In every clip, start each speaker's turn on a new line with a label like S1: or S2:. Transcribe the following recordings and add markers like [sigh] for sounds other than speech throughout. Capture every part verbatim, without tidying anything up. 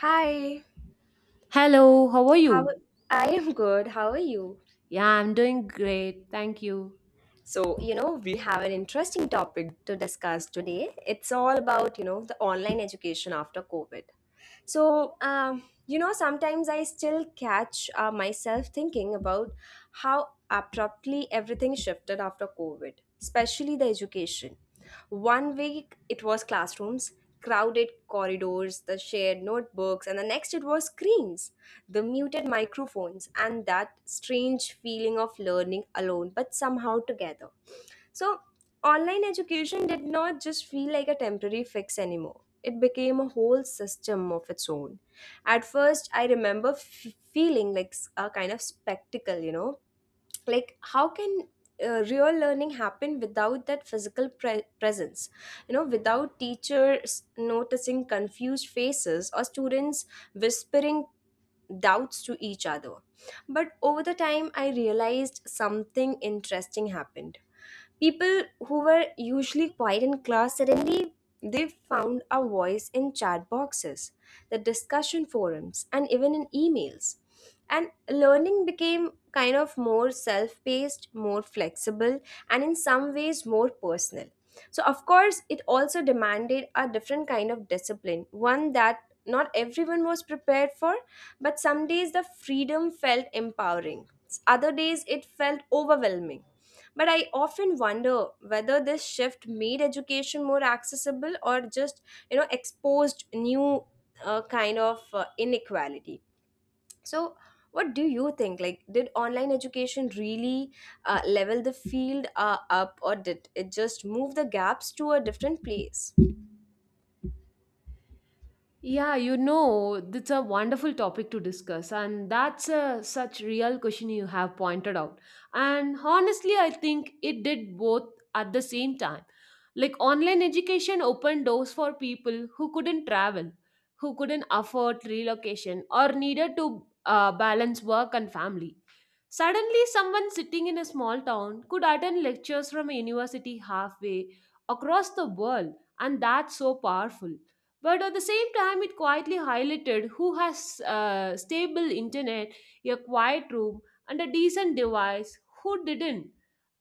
S1: Hi,
S2: Hello, how are
S1: how
S2: you?
S1: I am good. How are you?
S2: Yeah, I'm doing great. Thank you.
S1: So, you know, we have an interesting topic to discuss today. It's all about, you know, the online education after COVID. So, um, you know, sometimes I still catch uh, myself thinking about how abruptly everything shifted after COVID, especially the education. One week it was classrooms, crowded corridors, the shared notebooks, and the next it was screens, the muted microphones, and that strange feeling of learning alone but somehow together. So, online education did not just feel like a temporary fix anymore. It became a whole system of its own. At first, I remember f- feeling like s- a kind of spectacle, you know, like how can uh, real learning happen without that physical pre- presence, you know, without teachers noticing confused faces or students whispering doubts to each other. But over the time, I realized something interesting happened. People who were usually quiet in class suddenly they found a voice in chat boxes, the discussion forums, and even in emails. And learning became kind of more self paced, more flexible, and in some ways more personal. So, of course, it also demanded a different kind of discipline, one that not everyone was prepared for, but some days the freedom felt empowering, other days it felt overwhelming. But I often wonder whether this shift made education more accessible or just, you know, exposed new uh, kind of uh, inequality. So, what do you think? Like, did online education really uh, level the field uh, up, or did it just move the gaps to a different place?
S2: Yeah, you know, it's a wonderful topic to discuss, and that's a such real question you have pointed out. And honestly, I think it did both at the same time. Like online education opened doors for people who couldn't travel, who couldn't afford relocation, or needed to uh, balance work and family. Suddenly, someone sitting in a small town could attend lectures from a university halfway across the world, and that's so powerful. But at the same time, it quietly highlighted who has uh, stable internet, a quiet room, and a decent device, who didn't.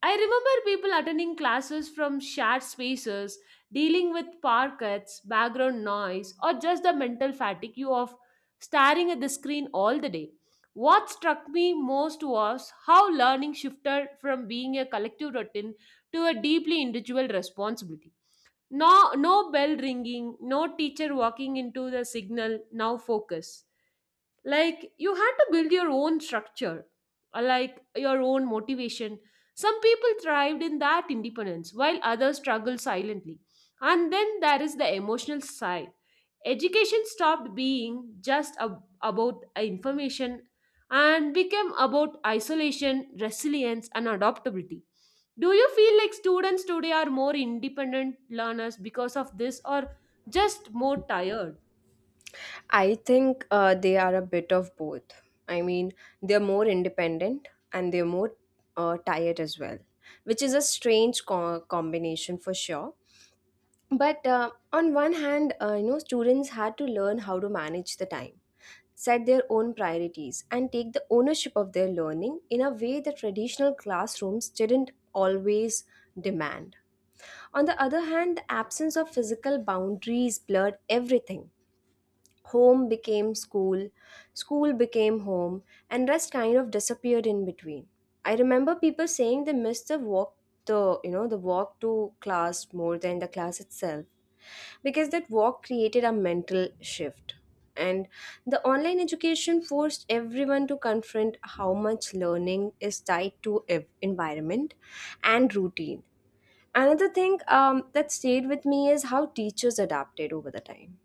S2: I remember people attending classes from shared spaces, dealing with power cuts, background noise, or just the mental fatigue of staring at the screen all the day. What struck me most was how learning shifted from being a collective routine to a deeply individual responsibility. No, no bell ringing, no teacher walking into the signal, now focus. Like, you had to build your own structure, uh, like your own motivation. Some people thrived in that independence, while others struggled silently. And then there is the emotional side. Education stopped being just ab- about information and became about isolation, resilience, and adaptability. Do you feel like students today are more independent learners because of this or just more tired?
S1: I think uh, they are a bit of both. I mean, they're more independent and they're more uh, tired as well, which is a strange co- combination for sure. But uh, on one hand, uh, you know, students had to learn how to manage the time, set their own priorities, and take the ownership of their learning in a way that traditional classrooms didn't always demand. On the other hand, the absence of physical boundaries blurred everything. Home became school, school became home, and rest kind of disappeared in between. I remember people saying they missed the walk the you know the walk to class more than the class itself, because that walk created a mental shift. And the online education forced everyone to confront how much learning is tied to ev- environment and routine. Another thing um, that stayed with me is how teachers adapted over the time.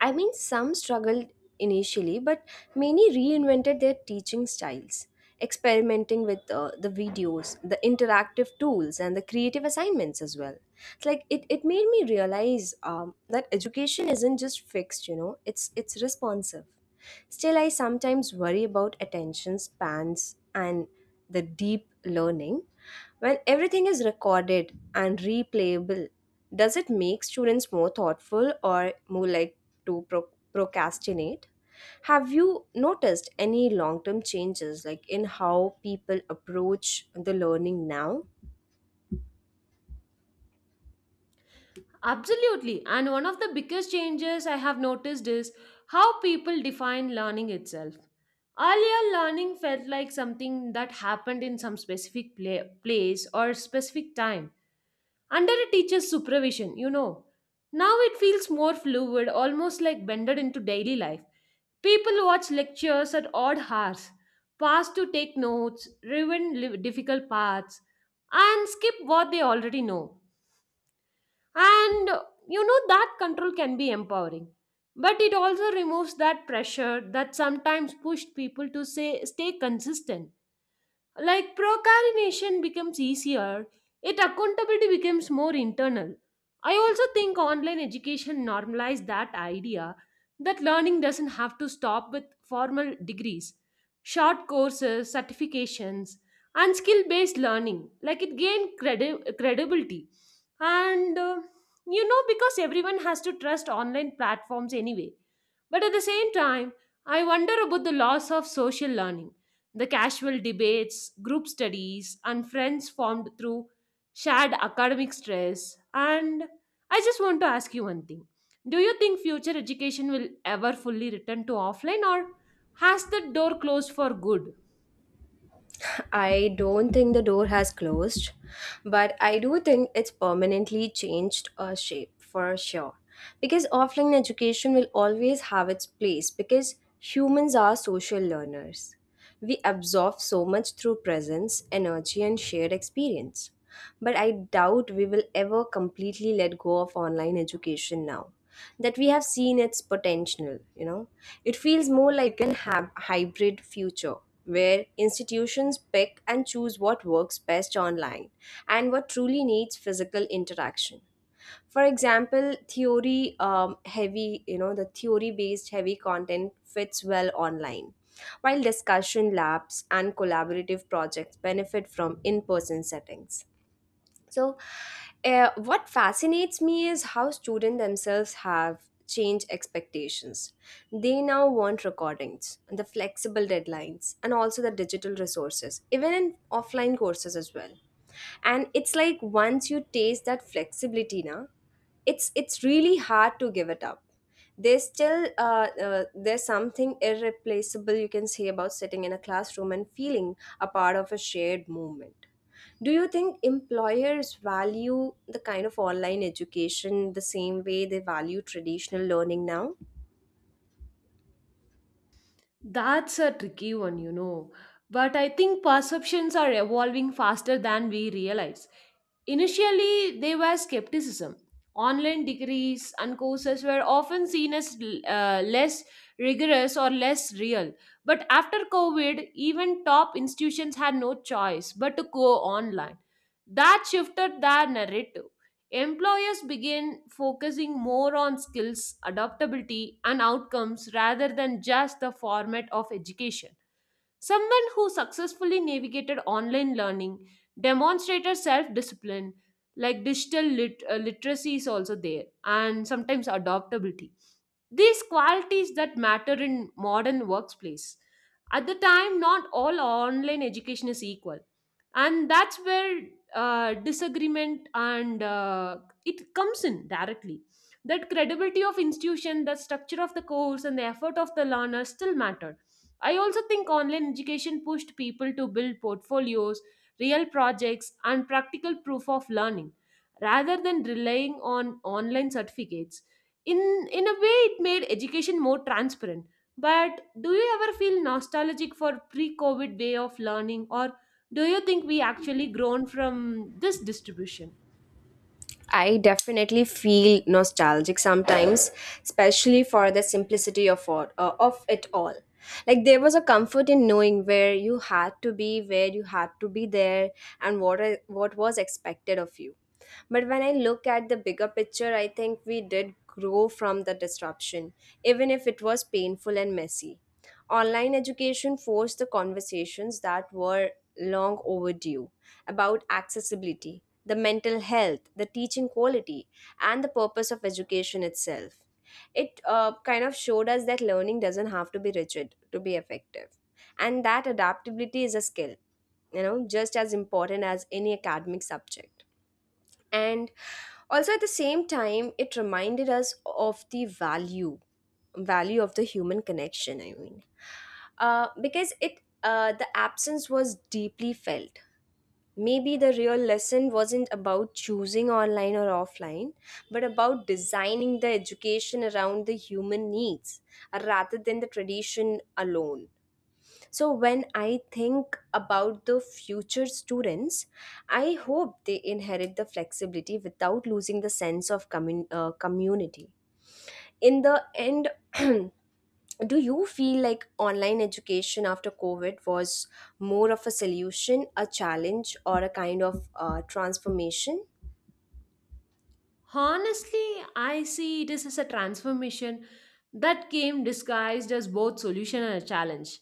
S1: I mean, some struggled initially, but many reinvented their teaching styles, experimenting with uh, the videos, the interactive tools, and the creative assignments as well. It's like it, it made me realize um, that education isn't just fixed, you know, it's, it's responsive. Still, I sometimes worry about attention spans and the deep learning. When everything is recorded and replayable, does it make students more thoughtful or more like to pro- procrastinate? Have you noticed any long term changes like in how people approach the learning now?
S2: Absolutely. And one of the biggest changes I have noticed is how people define learning itself. Earlier, learning felt like something that happened in some specific pla- place or specific time, under a teacher's supervision, you know. Now it feels more fluid, almost like blended into daily life. People watch lectures at odd hours, pause to take notes, ruin li- difficult parts, and skip what they already know. And uh, you know that control can be empowering. But it also removes that pressure that sometimes pushed people to say stay consistent. Like procrastination becomes easier, yet accountability becomes more internal. I also think online education normalized that idea that learning doesn't have to stop with formal degrees, short courses, certifications, and skill based learning. Like it gained credi- credibility. And uh, you know, because everyone has to trust online platforms anyway. But at the same time, I wonder about the loss of social learning, the casual debates, group studies, and friends formed through shared academic stress. And I just want to ask you one thing. Do you think future education will ever fully return to offline or has the door closed for good?
S1: I don't think the door has closed, but I do think it's permanently changed a shape for sure. Because offline education will always have its place, because humans are social learners. We absorb so much through presence, energy, and shared experience. But I doubt we will ever completely let go of online education now that we have seen its potential you know It feels more like an hab- hybrid future, where institutions pick and choose what works best online and what truly needs physical interaction. For example, theory um, heavy you know the theory based heavy content fits well online, while discussion labs and collaborative projects benefit from in person settings. So, uh, what fascinates me is how students themselves have changed expectations. They now want recordings, and the flexible deadlines, and also the digital resources, even in offline courses as well. And it's like once you taste that flexibility, now it's it's really hard to give it up. There's still uh, uh, there's something irreplaceable you can say about sitting in a classroom and feeling a part of a shared movement. Do you think employers value the kind of online education the same way they value traditional learning now?
S2: That's a tricky one, you know. But I think perceptions are evolving faster than we realize. Initially, there was skepticism. Online degrees and courses were often seen as uh, less rigorous or less real. But after COVID, even top institutions had no choice but to go online. That shifted their narrative. Employers begin focusing more on skills, adaptability, and outcomes rather than just the format of education. Someone who successfully navigated online learning, demonstrated self discipline, like digital lit- uh, literacy is also there, and sometimes adaptability. These qualities that matter in modern workplace. At the time, not all online education is equal, and that's where uh, disagreement and uh, it comes in directly. That credibility of institution, the structure of the course, and the effort of the learner still matter. I also think online education pushed people to build portfolios, real projects, and practical proof of learning rather than relying on online certificates. In, in a way, it made education more transparent. But do you ever feel nostalgic for pre COVID way of learning, or do you think we actually grown from this distribution?
S1: I definitely feel nostalgic sometimes, especially for the simplicity of all, uh, of it all. Like there was a comfort in knowing where you had to be, where you had to be there, and what are, what was expected of you. But when I look at the bigger picture, I think we did grow from the disruption, even if it was painful and messy. Online education forced the conversations that were long overdue about accessibility, the mental health, the teaching quality, and the purpose of education itself. It uh, kind of showed us that learning doesn't have to be rigid to be effective, and that adaptability is a skill, you know, just as important as any academic subject. And also at the same time, it reminded us of the value value of the human connection. I mean, uh, because it uh, the absence was deeply felt. Maybe the real lesson wasn't about choosing online or offline, but about designing the education around the human needs, uh, rather than the tradition alone. So, when I think about the future students, I hope they inherit the flexibility without losing the sense of commun- uh, community. In the end, [clears throat] do you feel like online education after COVID was more of a solution, a challenge, or a kind of uh, transformation?
S2: Honestly, I see this as a transformation that came disguised as both solution and a challenge.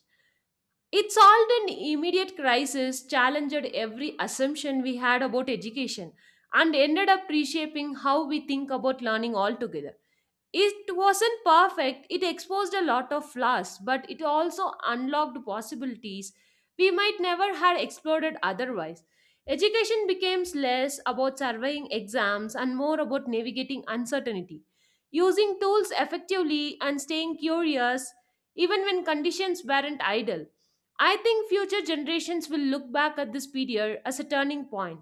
S2: It solved an immediate crisis, challenged every assumption we had about education, and ended up reshaping how we think about learning altogether. It wasn't perfect, it exposed a lot of flaws, but it also unlocked possibilities we might never have explored otherwise. Education became less about surveying exams and more about navigating uncertainty, using tools effectively and staying curious even when conditions weren't ideal. I think future generations will look back at this period as a turning point,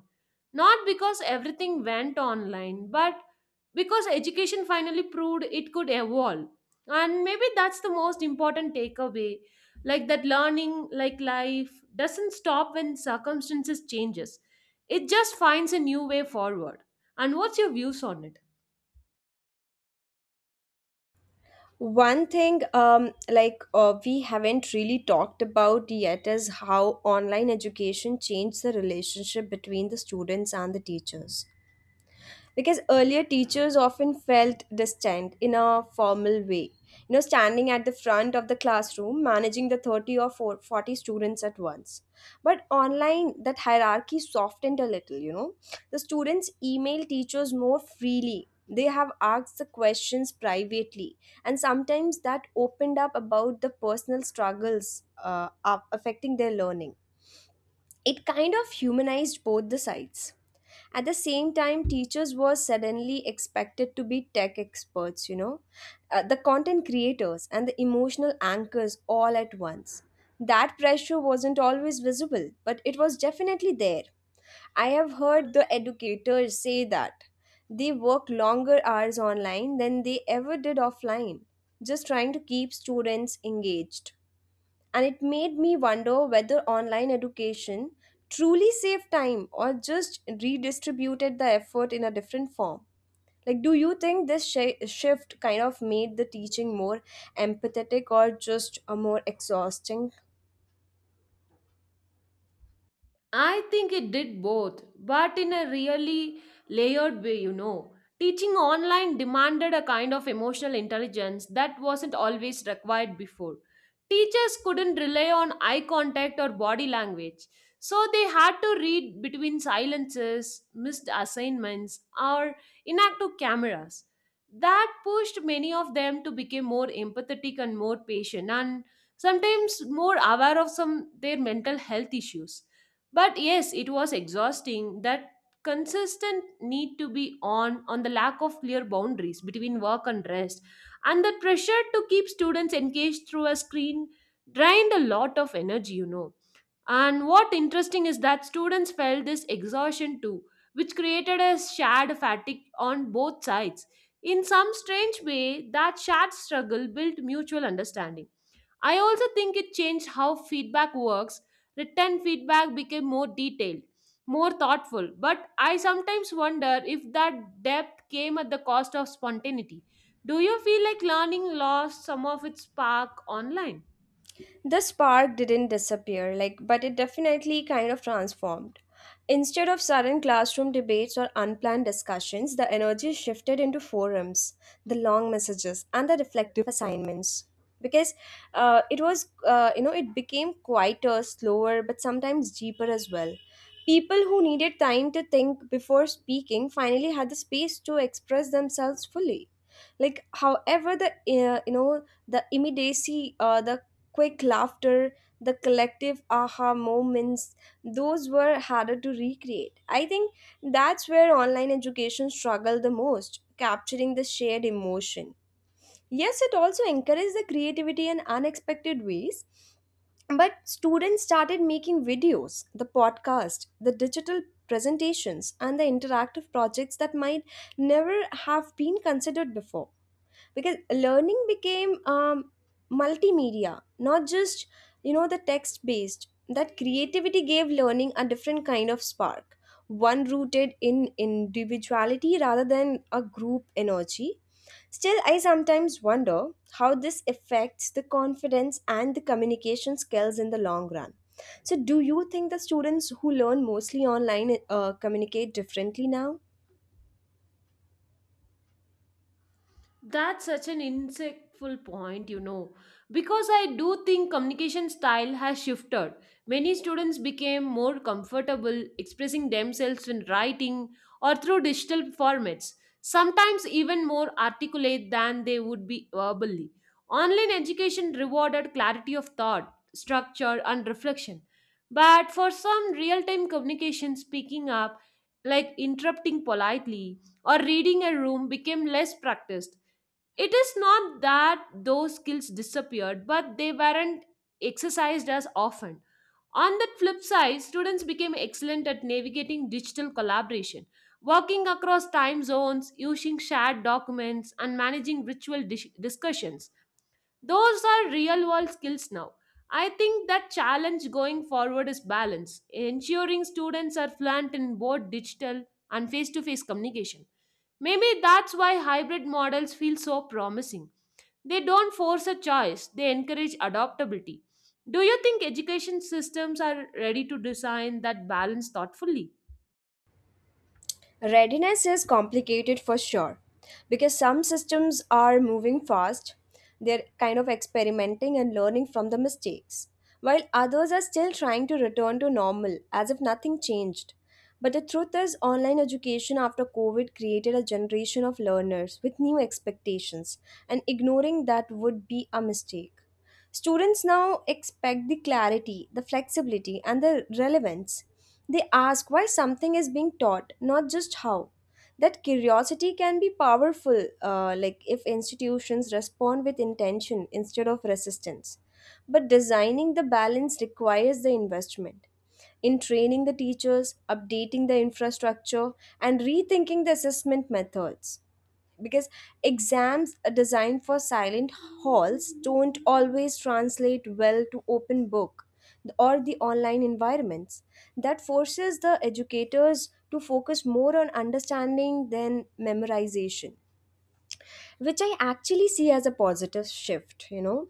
S2: not because everything went online, but because education finally proved it could evolve. And maybe that's the most important takeaway, like that learning, like life, doesn't stop when circumstances changes. It just finds a new way forward. And what's your views on it?
S1: One thing, um, like uh, we haven't really talked about yet, is how online education changed the relationship between the students and the teachers. Because earlier teachers often felt distant in a formal way. You know, standing at the front of the classroom, managing the thirty or 4 forty students at once. But online, that hierarchy softened a little, you know. The students email teachers more freely. They have asked the questions privately. And sometimes that opened up about the personal struggles uh, up- affecting their learning. It kind of humanized both the sides. At the same time, teachers were suddenly expected to be tech experts you know uh, the content creators and the emotional anchors, all at once. That pressure wasn't always visible, but it was definitely there. I have heard the educators say that they work longer hours online than they ever did offline, just trying to keep students engaged. And it made me wonder whether online education truly saved time or just redistributed the effort in a different form. Like, do you think this shi shift kind of made the teaching more empathetic or just a more exhausting?
S2: I think it did both, but in a really layered way, you know. Teaching online demanded a kind of emotional intelligence that wasn't always required before. Teachers couldn't rely on eye contact or body language, so they had to read between silences, missed assignments, or inactive cameras. That pushed many of them to become more empathetic and more patient, and sometimes more aware of some their mental health issues. But yes, it was exhausting, that consistent need to be on on the lack of clear boundaries between work and rest and the pressure to keep students engaged through a screen drained a lot of energy, you know. And what interesting is that students felt this exhaustion too, which created a shared fatigue on both sides. In some strange way, that shared struggle built mutual understanding. I also think it changed how feedback works. Written feedback became more detailed, more thoughtful, but I sometimes wonder if that depth came at the cost of spontaneity. Do you feel like learning lost some of its spark online?
S1: The spark didn't disappear, like, but it definitely kind of transformed. Instead of sudden classroom debates or unplanned discussions, the energy shifted into forums, the long messages, and the reflective assignments. Because uh, it was uh, you know it became quieter, slower, but sometimes deeper as well. People who needed time to think before speaking finally had the space to express themselves fully. Like, however, the uh, you know the immediacy, uh, the quick laughter, the collective aha moments, those were harder to recreate. I think that's where online education struggled the most, capturing the shared emotion. Yes, it also encouraged the creativity in unexpected ways, but students started making videos, the podcast, the digital presentations, and the interactive projects that might never have been considered before. Because learning became um, multimedia, not just, you know the text based, that creativity gave learning a different kind of spark, one rooted in individuality rather than a group energy. Still, I sometimes wonder how this affects the confidence and the communication skills in the long run. So do you think the students who learn mostly online uh, communicate differently now?
S2: That's such an insightful point, you know, because I do think communication style has shifted. Many students became more comfortable expressing themselves in writing or through digital formats, sometimes even more articulate than they would be verbally. Online education rewarded clarity of thought, structure, and reflection. But for some real time communication, speaking up, like interrupting politely or reading a room, became less practiced. It is not that those skills disappeared, but they weren't exercised as often. On the flip side, students became excellent at navigating digital collaboration, working across time zones, using shared documents, and managing ritual dis- discussions. Those are real world skills now. I think that challenge going forward is balance, ensuring students are fluent in both digital and face to face communication. Maybe that's why hybrid models feel so promising. They don't force a choice, they encourage adaptability. Do you think education systems are ready to design that balance thoughtfully?
S1: Readiness is complicated for sure, because some systems are moving fast, they're kind of experimenting and learning from the mistakes, while others are still trying to return to normal as if nothing changed. But the truth is, online education after COVID created a generation of learners with new expectations, and ignoring that would be a mistake. Students now expect the clarity, the flexibility, and the relevance. They ask why something is being taught, not just how. That curiosity can be powerful, uh, like if institutions respond with intention instead of resistance. But designing the balance requires the investment in training the teachers, updating the infrastructure, and rethinking the assessment methods, because exams designed for silent halls don't always translate well to open book or the online environments. That forces the educators to focus more on understanding than memorization, which I actually see as a positive shift you know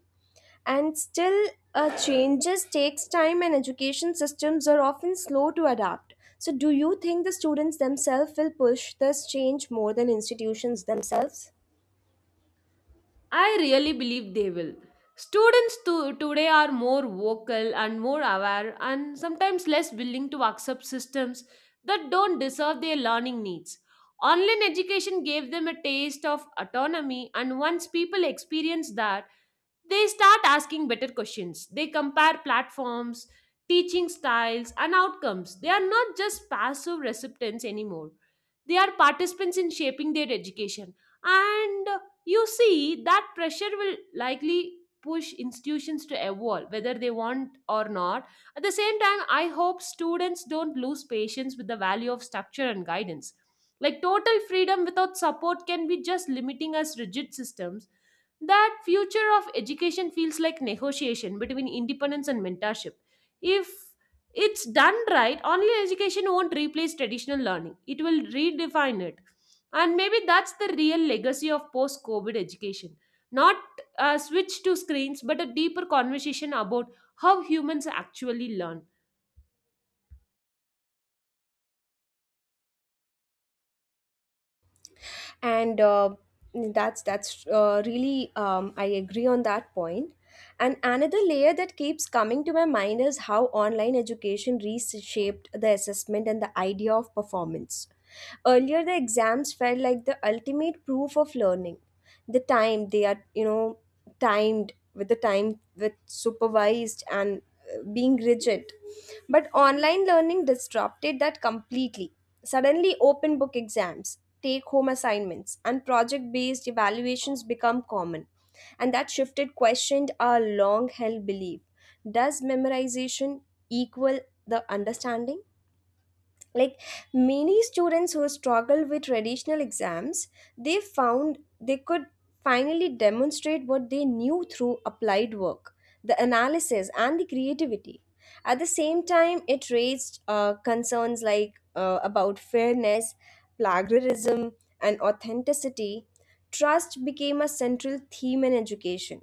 S1: And still, uh, changes takes time and education systems are often slow to adapt. So do you think the students themselves will push this change more than institutions themselves?
S2: I really believe they will. Students to, today are more vocal and more aware and sometimes less willing to accept systems that don't deserve their learning needs. Online education gave them a taste of autonomy, and once people experience that, they start asking better questions. They compare platforms, teaching styles, and outcomes. They are not just passive recipients anymore. They are participants in shaping their education. And uh, you see, that pressure will likely push institutions to evolve, whether they want or not. At the same time, I hope students don't lose patience with the value of structure and guidance. Like total freedom without support can be just limiting as rigid systems. That future of education feels like negotiation between independence and mentorship. If it's done right, online education won't replace traditional learning, it will redefine it. And maybe that's the real legacy of post COVID education, not a switch to screens but a deeper conversation about how humans actually learn.
S1: And uh, that's that's uh, really um, i agree on that point point. And another layer that keeps coming to my mind is how online education reshaped the assessment and the idea of performance. Earlier, the exams felt like the ultimate proof of learning. The time they are you know timed with the time with supervised and uh, being rigid. But online learning disrupted that completely. Suddenly, open book exams, take home assignments, and project based evaluations become common. And that shifted questioned our long held belief, does memorization equal the understanding? Like, many students who struggle with traditional exams, they found they could finally demonstrate what they knew through applied work, the analysis and the creativity. At the same time, it raised uh, concerns like uh, about fairness, plagiarism, and authenticity. Trust became a central theme in education,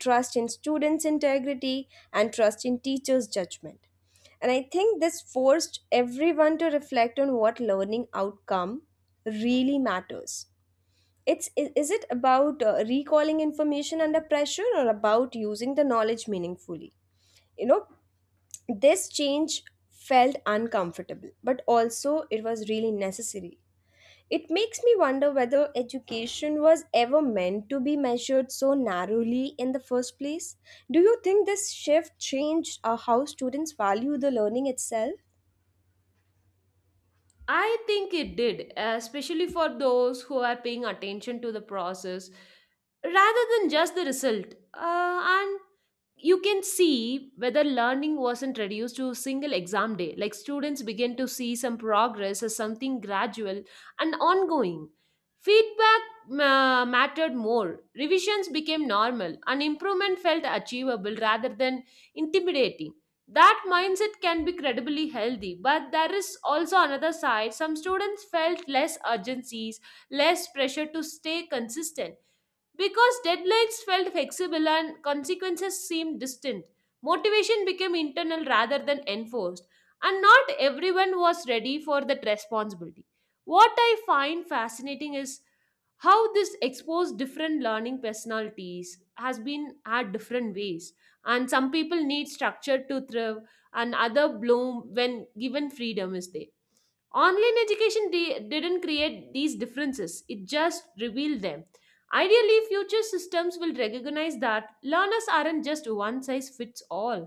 S1: trust in students integrity and trust in teachers judgment. And I think this forced everyone to reflect on what learning outcome really matters. It's i- is it about uh, recalling information under pressure or about using the knowledge meaningfully? You know, this change felt uncomfortable, but also it was really necessary. It makes me wonder whether education was ever meant to be measured so narrowly in the first place. Do you think this shift changed uh, how students value the learning itself?
S2: I think it did, especially for those who are paying attention to the process rather than just the result, uh, and you can see whether learning wasn't reduced to a single exam day. Like students begin to see some progress as something gradual and ongoing. Feedback ma- mattered more. Revisions became normal, and improvement felt achievable rather than intimidating. That mindset can be credibly healthy, but there is also another side. Some students felt less urgencies, less pressure to stay consistent, because deadlines felt flexible and consequences seemed distant. Motivation became internal rather than enforced, and not everyone was ready for that responsibility. What I find fascinating is how this exposed different learning personalities has been at different ways. And some people need structure to thrive, and other bloom when given freedom is there. Online education di- didn't create these differences, it just revealed them. Ideally, future systems will recognize that learners aren't just one size fits all,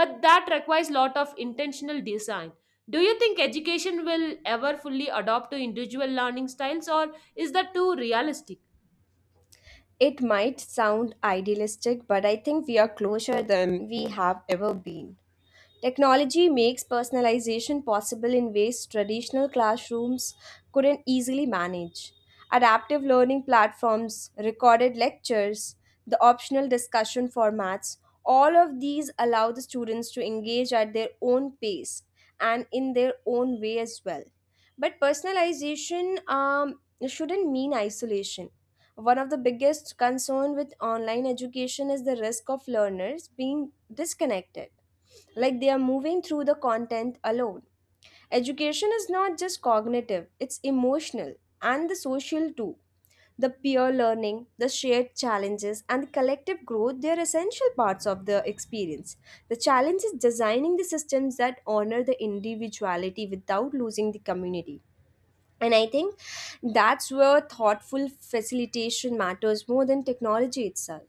S2: but that requires lot of intentional design. Do you think education will ever fully adopt to individual learning styles or is that too realistic?
S1: It might sound idealistic, but I think we are closer than we have ever been. Technology makes personalization possible in ways traditional classrooms couldn't easily manage. Adaptive learning platforms, recorded lectures, the optional discussion formats, all of these allow the students to engage at their own pace and in their own way as well. But personalization um, shouldn't mean isolation. One of the biggest concerns with online education is the risk of learners being disconnected, like they are moving through the content alone. Education is not just cognitive, it's emotional and the social too. The peer learning, the shared challenges, and the collective growth, they are essential parts of the experience. The challenge is designing the systems that honor the individuality without losing the community. And I think that's where thoughtful facilitation matters more than technology itself.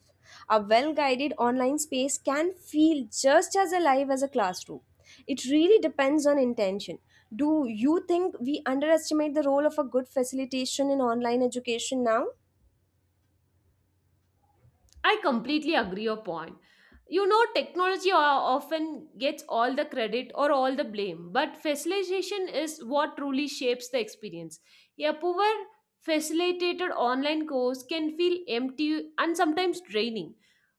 S1: A well guided online space can feel just as alive as a classroom. It really depends on intention. Do you think we underestimate the role of a good facilitation in online education now?
S2: I completely agree your point. You know, technology o- often gets all the credit or all the blame, but facilitation is what truly shapes the experience. A poor facilitated online course can feel empty and sometimes draining,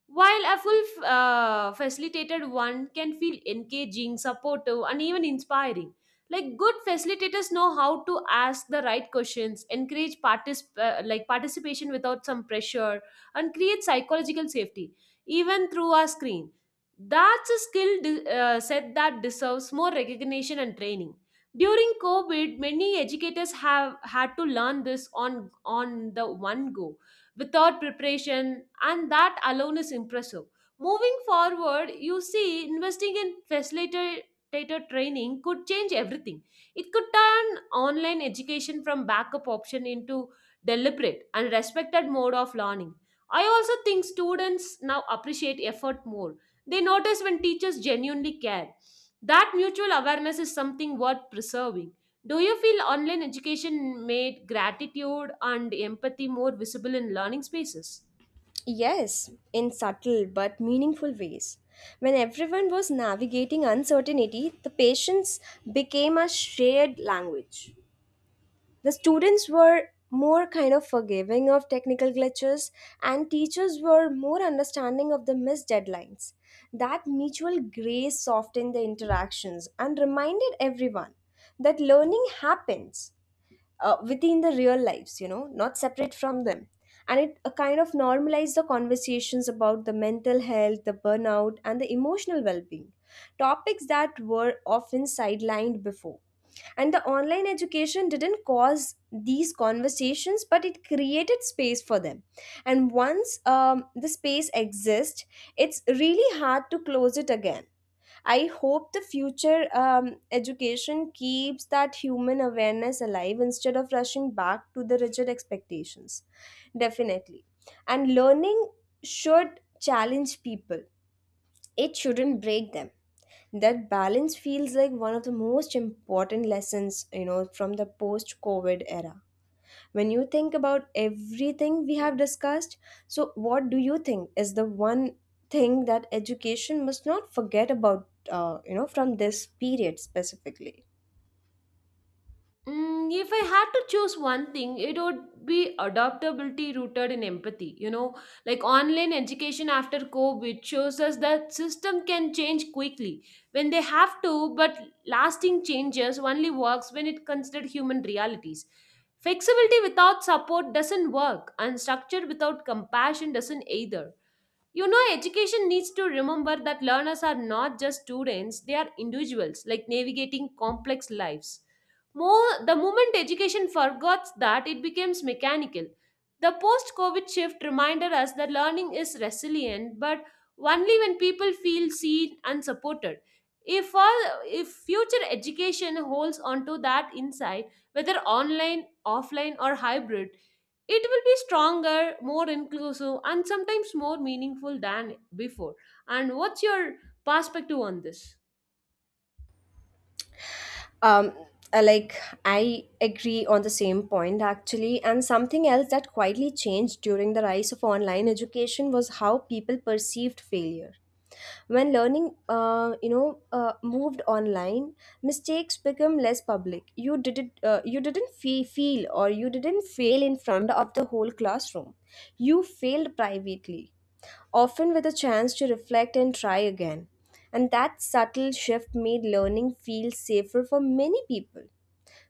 S2: while a full uh, facilitated one can feel engaging, supportive, and even inspiring. Like good facilitators know how to ask the right questions, encourage particip- uh, like participation without some pressure, and create psychological safety, even through our screen. That's a skill de- uh, set that deserves more recognition and training. During COVID, many educators have had to learn this on, on the one go without preparation, and that alone is impressive. Moving forward, you see, investing in facilitator training could change everything. It could turn online education from backup option into deliberate and respected mode of learning. I also think students now appreciate effort more. They notice when teachers genuinely care. That mutual awareness is something worth preserving. Do you feel online education made gratitude and empathy more visible in learning spaces?
S1: Yes, in subtle but meaningful ways. When everyone was navigating uncertainty, the patience became a shared language. The students were more kind of forgiving of technical glitches and teachers were more understanding of the missed deadlines. That mutual grace softened the interactions and reminded everyone that learning happens uh, within the real lives, you know, not separate from them. And it uh, kind of normalized the conversations about the mental health, the burnout, and the emotional well-being, topics that were often sidelined before. And the online education didn't cause these conversations, but it created space for them. And once um, the space exists, it's really hard to close it again. I hope the future um, education keeps that human awareness alive instead of rushing back to the rigid expectations. Definitely. And learning should challenge people, it shouldn't break them. That balance feels like one of the most important lessons, you know, from the post covid era. When you think about everything we have discussed, so what do you think is the one thing that education must not forget about, uh, you know, from this period specifically?
S2: Mm, if I had to choose one thing, it would be adaptability rooted in empathy. You know, like online education after COVID shows us that system can change quickly when they have to, but lasting changes only works when it considers human realities. Flexibility without support doesn't work, and structure without compassion doesn't either. You know, education needs to remember that learners are not just students, they are individuals, like navigating complex lives. More, the moment education forgets that, it becomes mechanical. The post COVID shift reminded us that learning is resilient, but only when people feel seen and supported. If, all, if future education holds onto that insight, whether online, offline, or hybrid, it will be stronger, more inclusive and sometimes more meaningful than before. And what's your perspective on this?
S1: um uh, like, I agree on the same point actually. And something else that quietly changed during the rise of online education was how people perceived failure. When learning, uh, you know, uh, moved online, mistakes become less public. You didn't uh, you didn't fe- feel, or you didn't fail in front of the whole classroom. You failed privately, often with a chance to reflect and try again. And that subtle shift made learning feel safer for many people.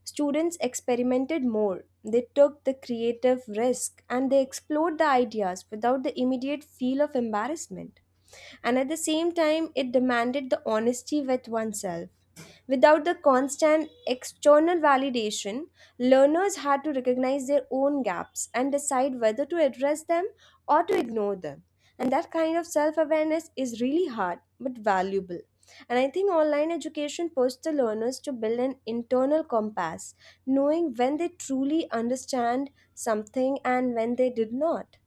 S1: Students experimented more, they took the creative risk, and they explored the ideas without the immediate feel of embarrassment. And at the same time, it demanded the honesty with oneself. Without the constant external validation, learners had to recognize their own gaps and decide whether to address them or to ignore them. And that kind of self awareness is really hard but valuable. And I think online education pushes the learners to build an internal compass, knowing when they truly understand something and when they did not.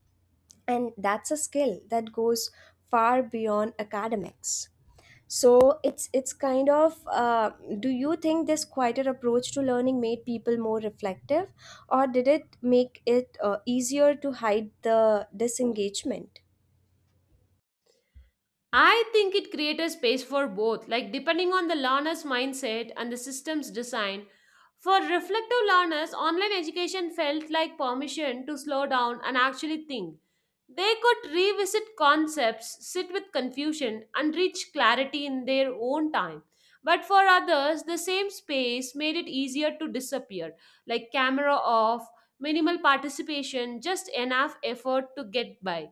S1: And that's a skill that goes far beyond academics. So it's it's kind of uh, do you think this quieter approach to learning made people more reflective or did it make it uh, easier to hide the disengagement?
S2: I think it created a space for both, like depending on the learner's mindset and the system's design. For reflective learners, online education felt like permission to slow down and actually think. They could revisit concepts, sit with confusion, and reach clarity in their own time. But for others, the same space made it easier to disappear, like camera off, minimal participation, just enough effort to get by.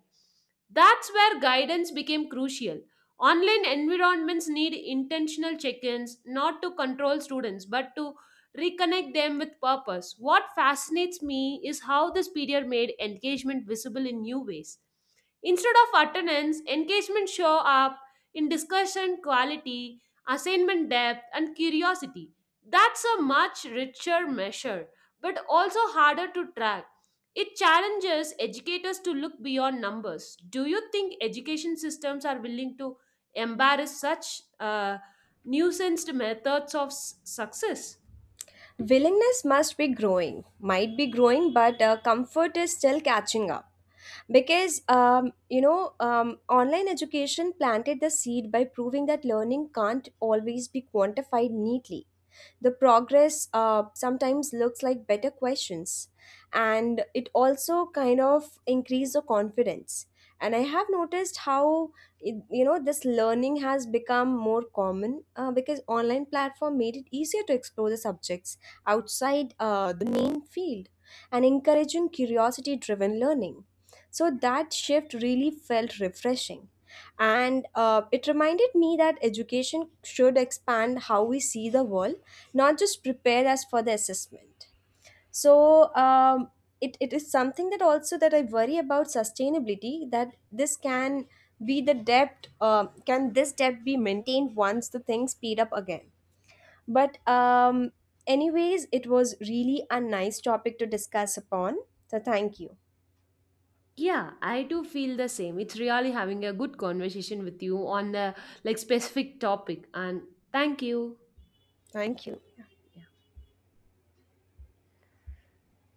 S2: That's where guidance became crucial. Online environments need intentional check ins, not to control students, but to reconnect them with purpose. What fascinates me is how this period made engagement visible in new ways. Instead of attendance, engagement show up in discussion quality, assignment depth, and curiosity. That's a much richer measure, but also harder to track. It challenges educators to look beyond numbers. Do you think education systems are willing to embrace such uh, nuanced methods of s- success?
S1: Willingness must be growing, might be growing, but uh, comfort is still catching up. Because um, you know, um, online education planted the seed by proving that learning can't always be quantified neatly. The progress uh, sometimes looks like better questions. And it also kind of increase the confidence. And I have noticed how it- you know, this learning has become more common uh, because online platform made it easier to explore the subjects outside uh, the main field and encouraging curiosity driven learning. So that shift really felt refreshing. And uh, it reminded me that education should expand how we see the world, not just prepare us for the assessment. So um, it, it is something that also that I worry about sustainability, that this can be the debt, uh, can this debt be maintained once the things speed up again? But um, anyways, it was really a nice topic to discuss upon. So thank you.
S2: Yeah, I do feel the same. It's really having a good conversation with you on the like specific topic and thank you.
S1: Thank you.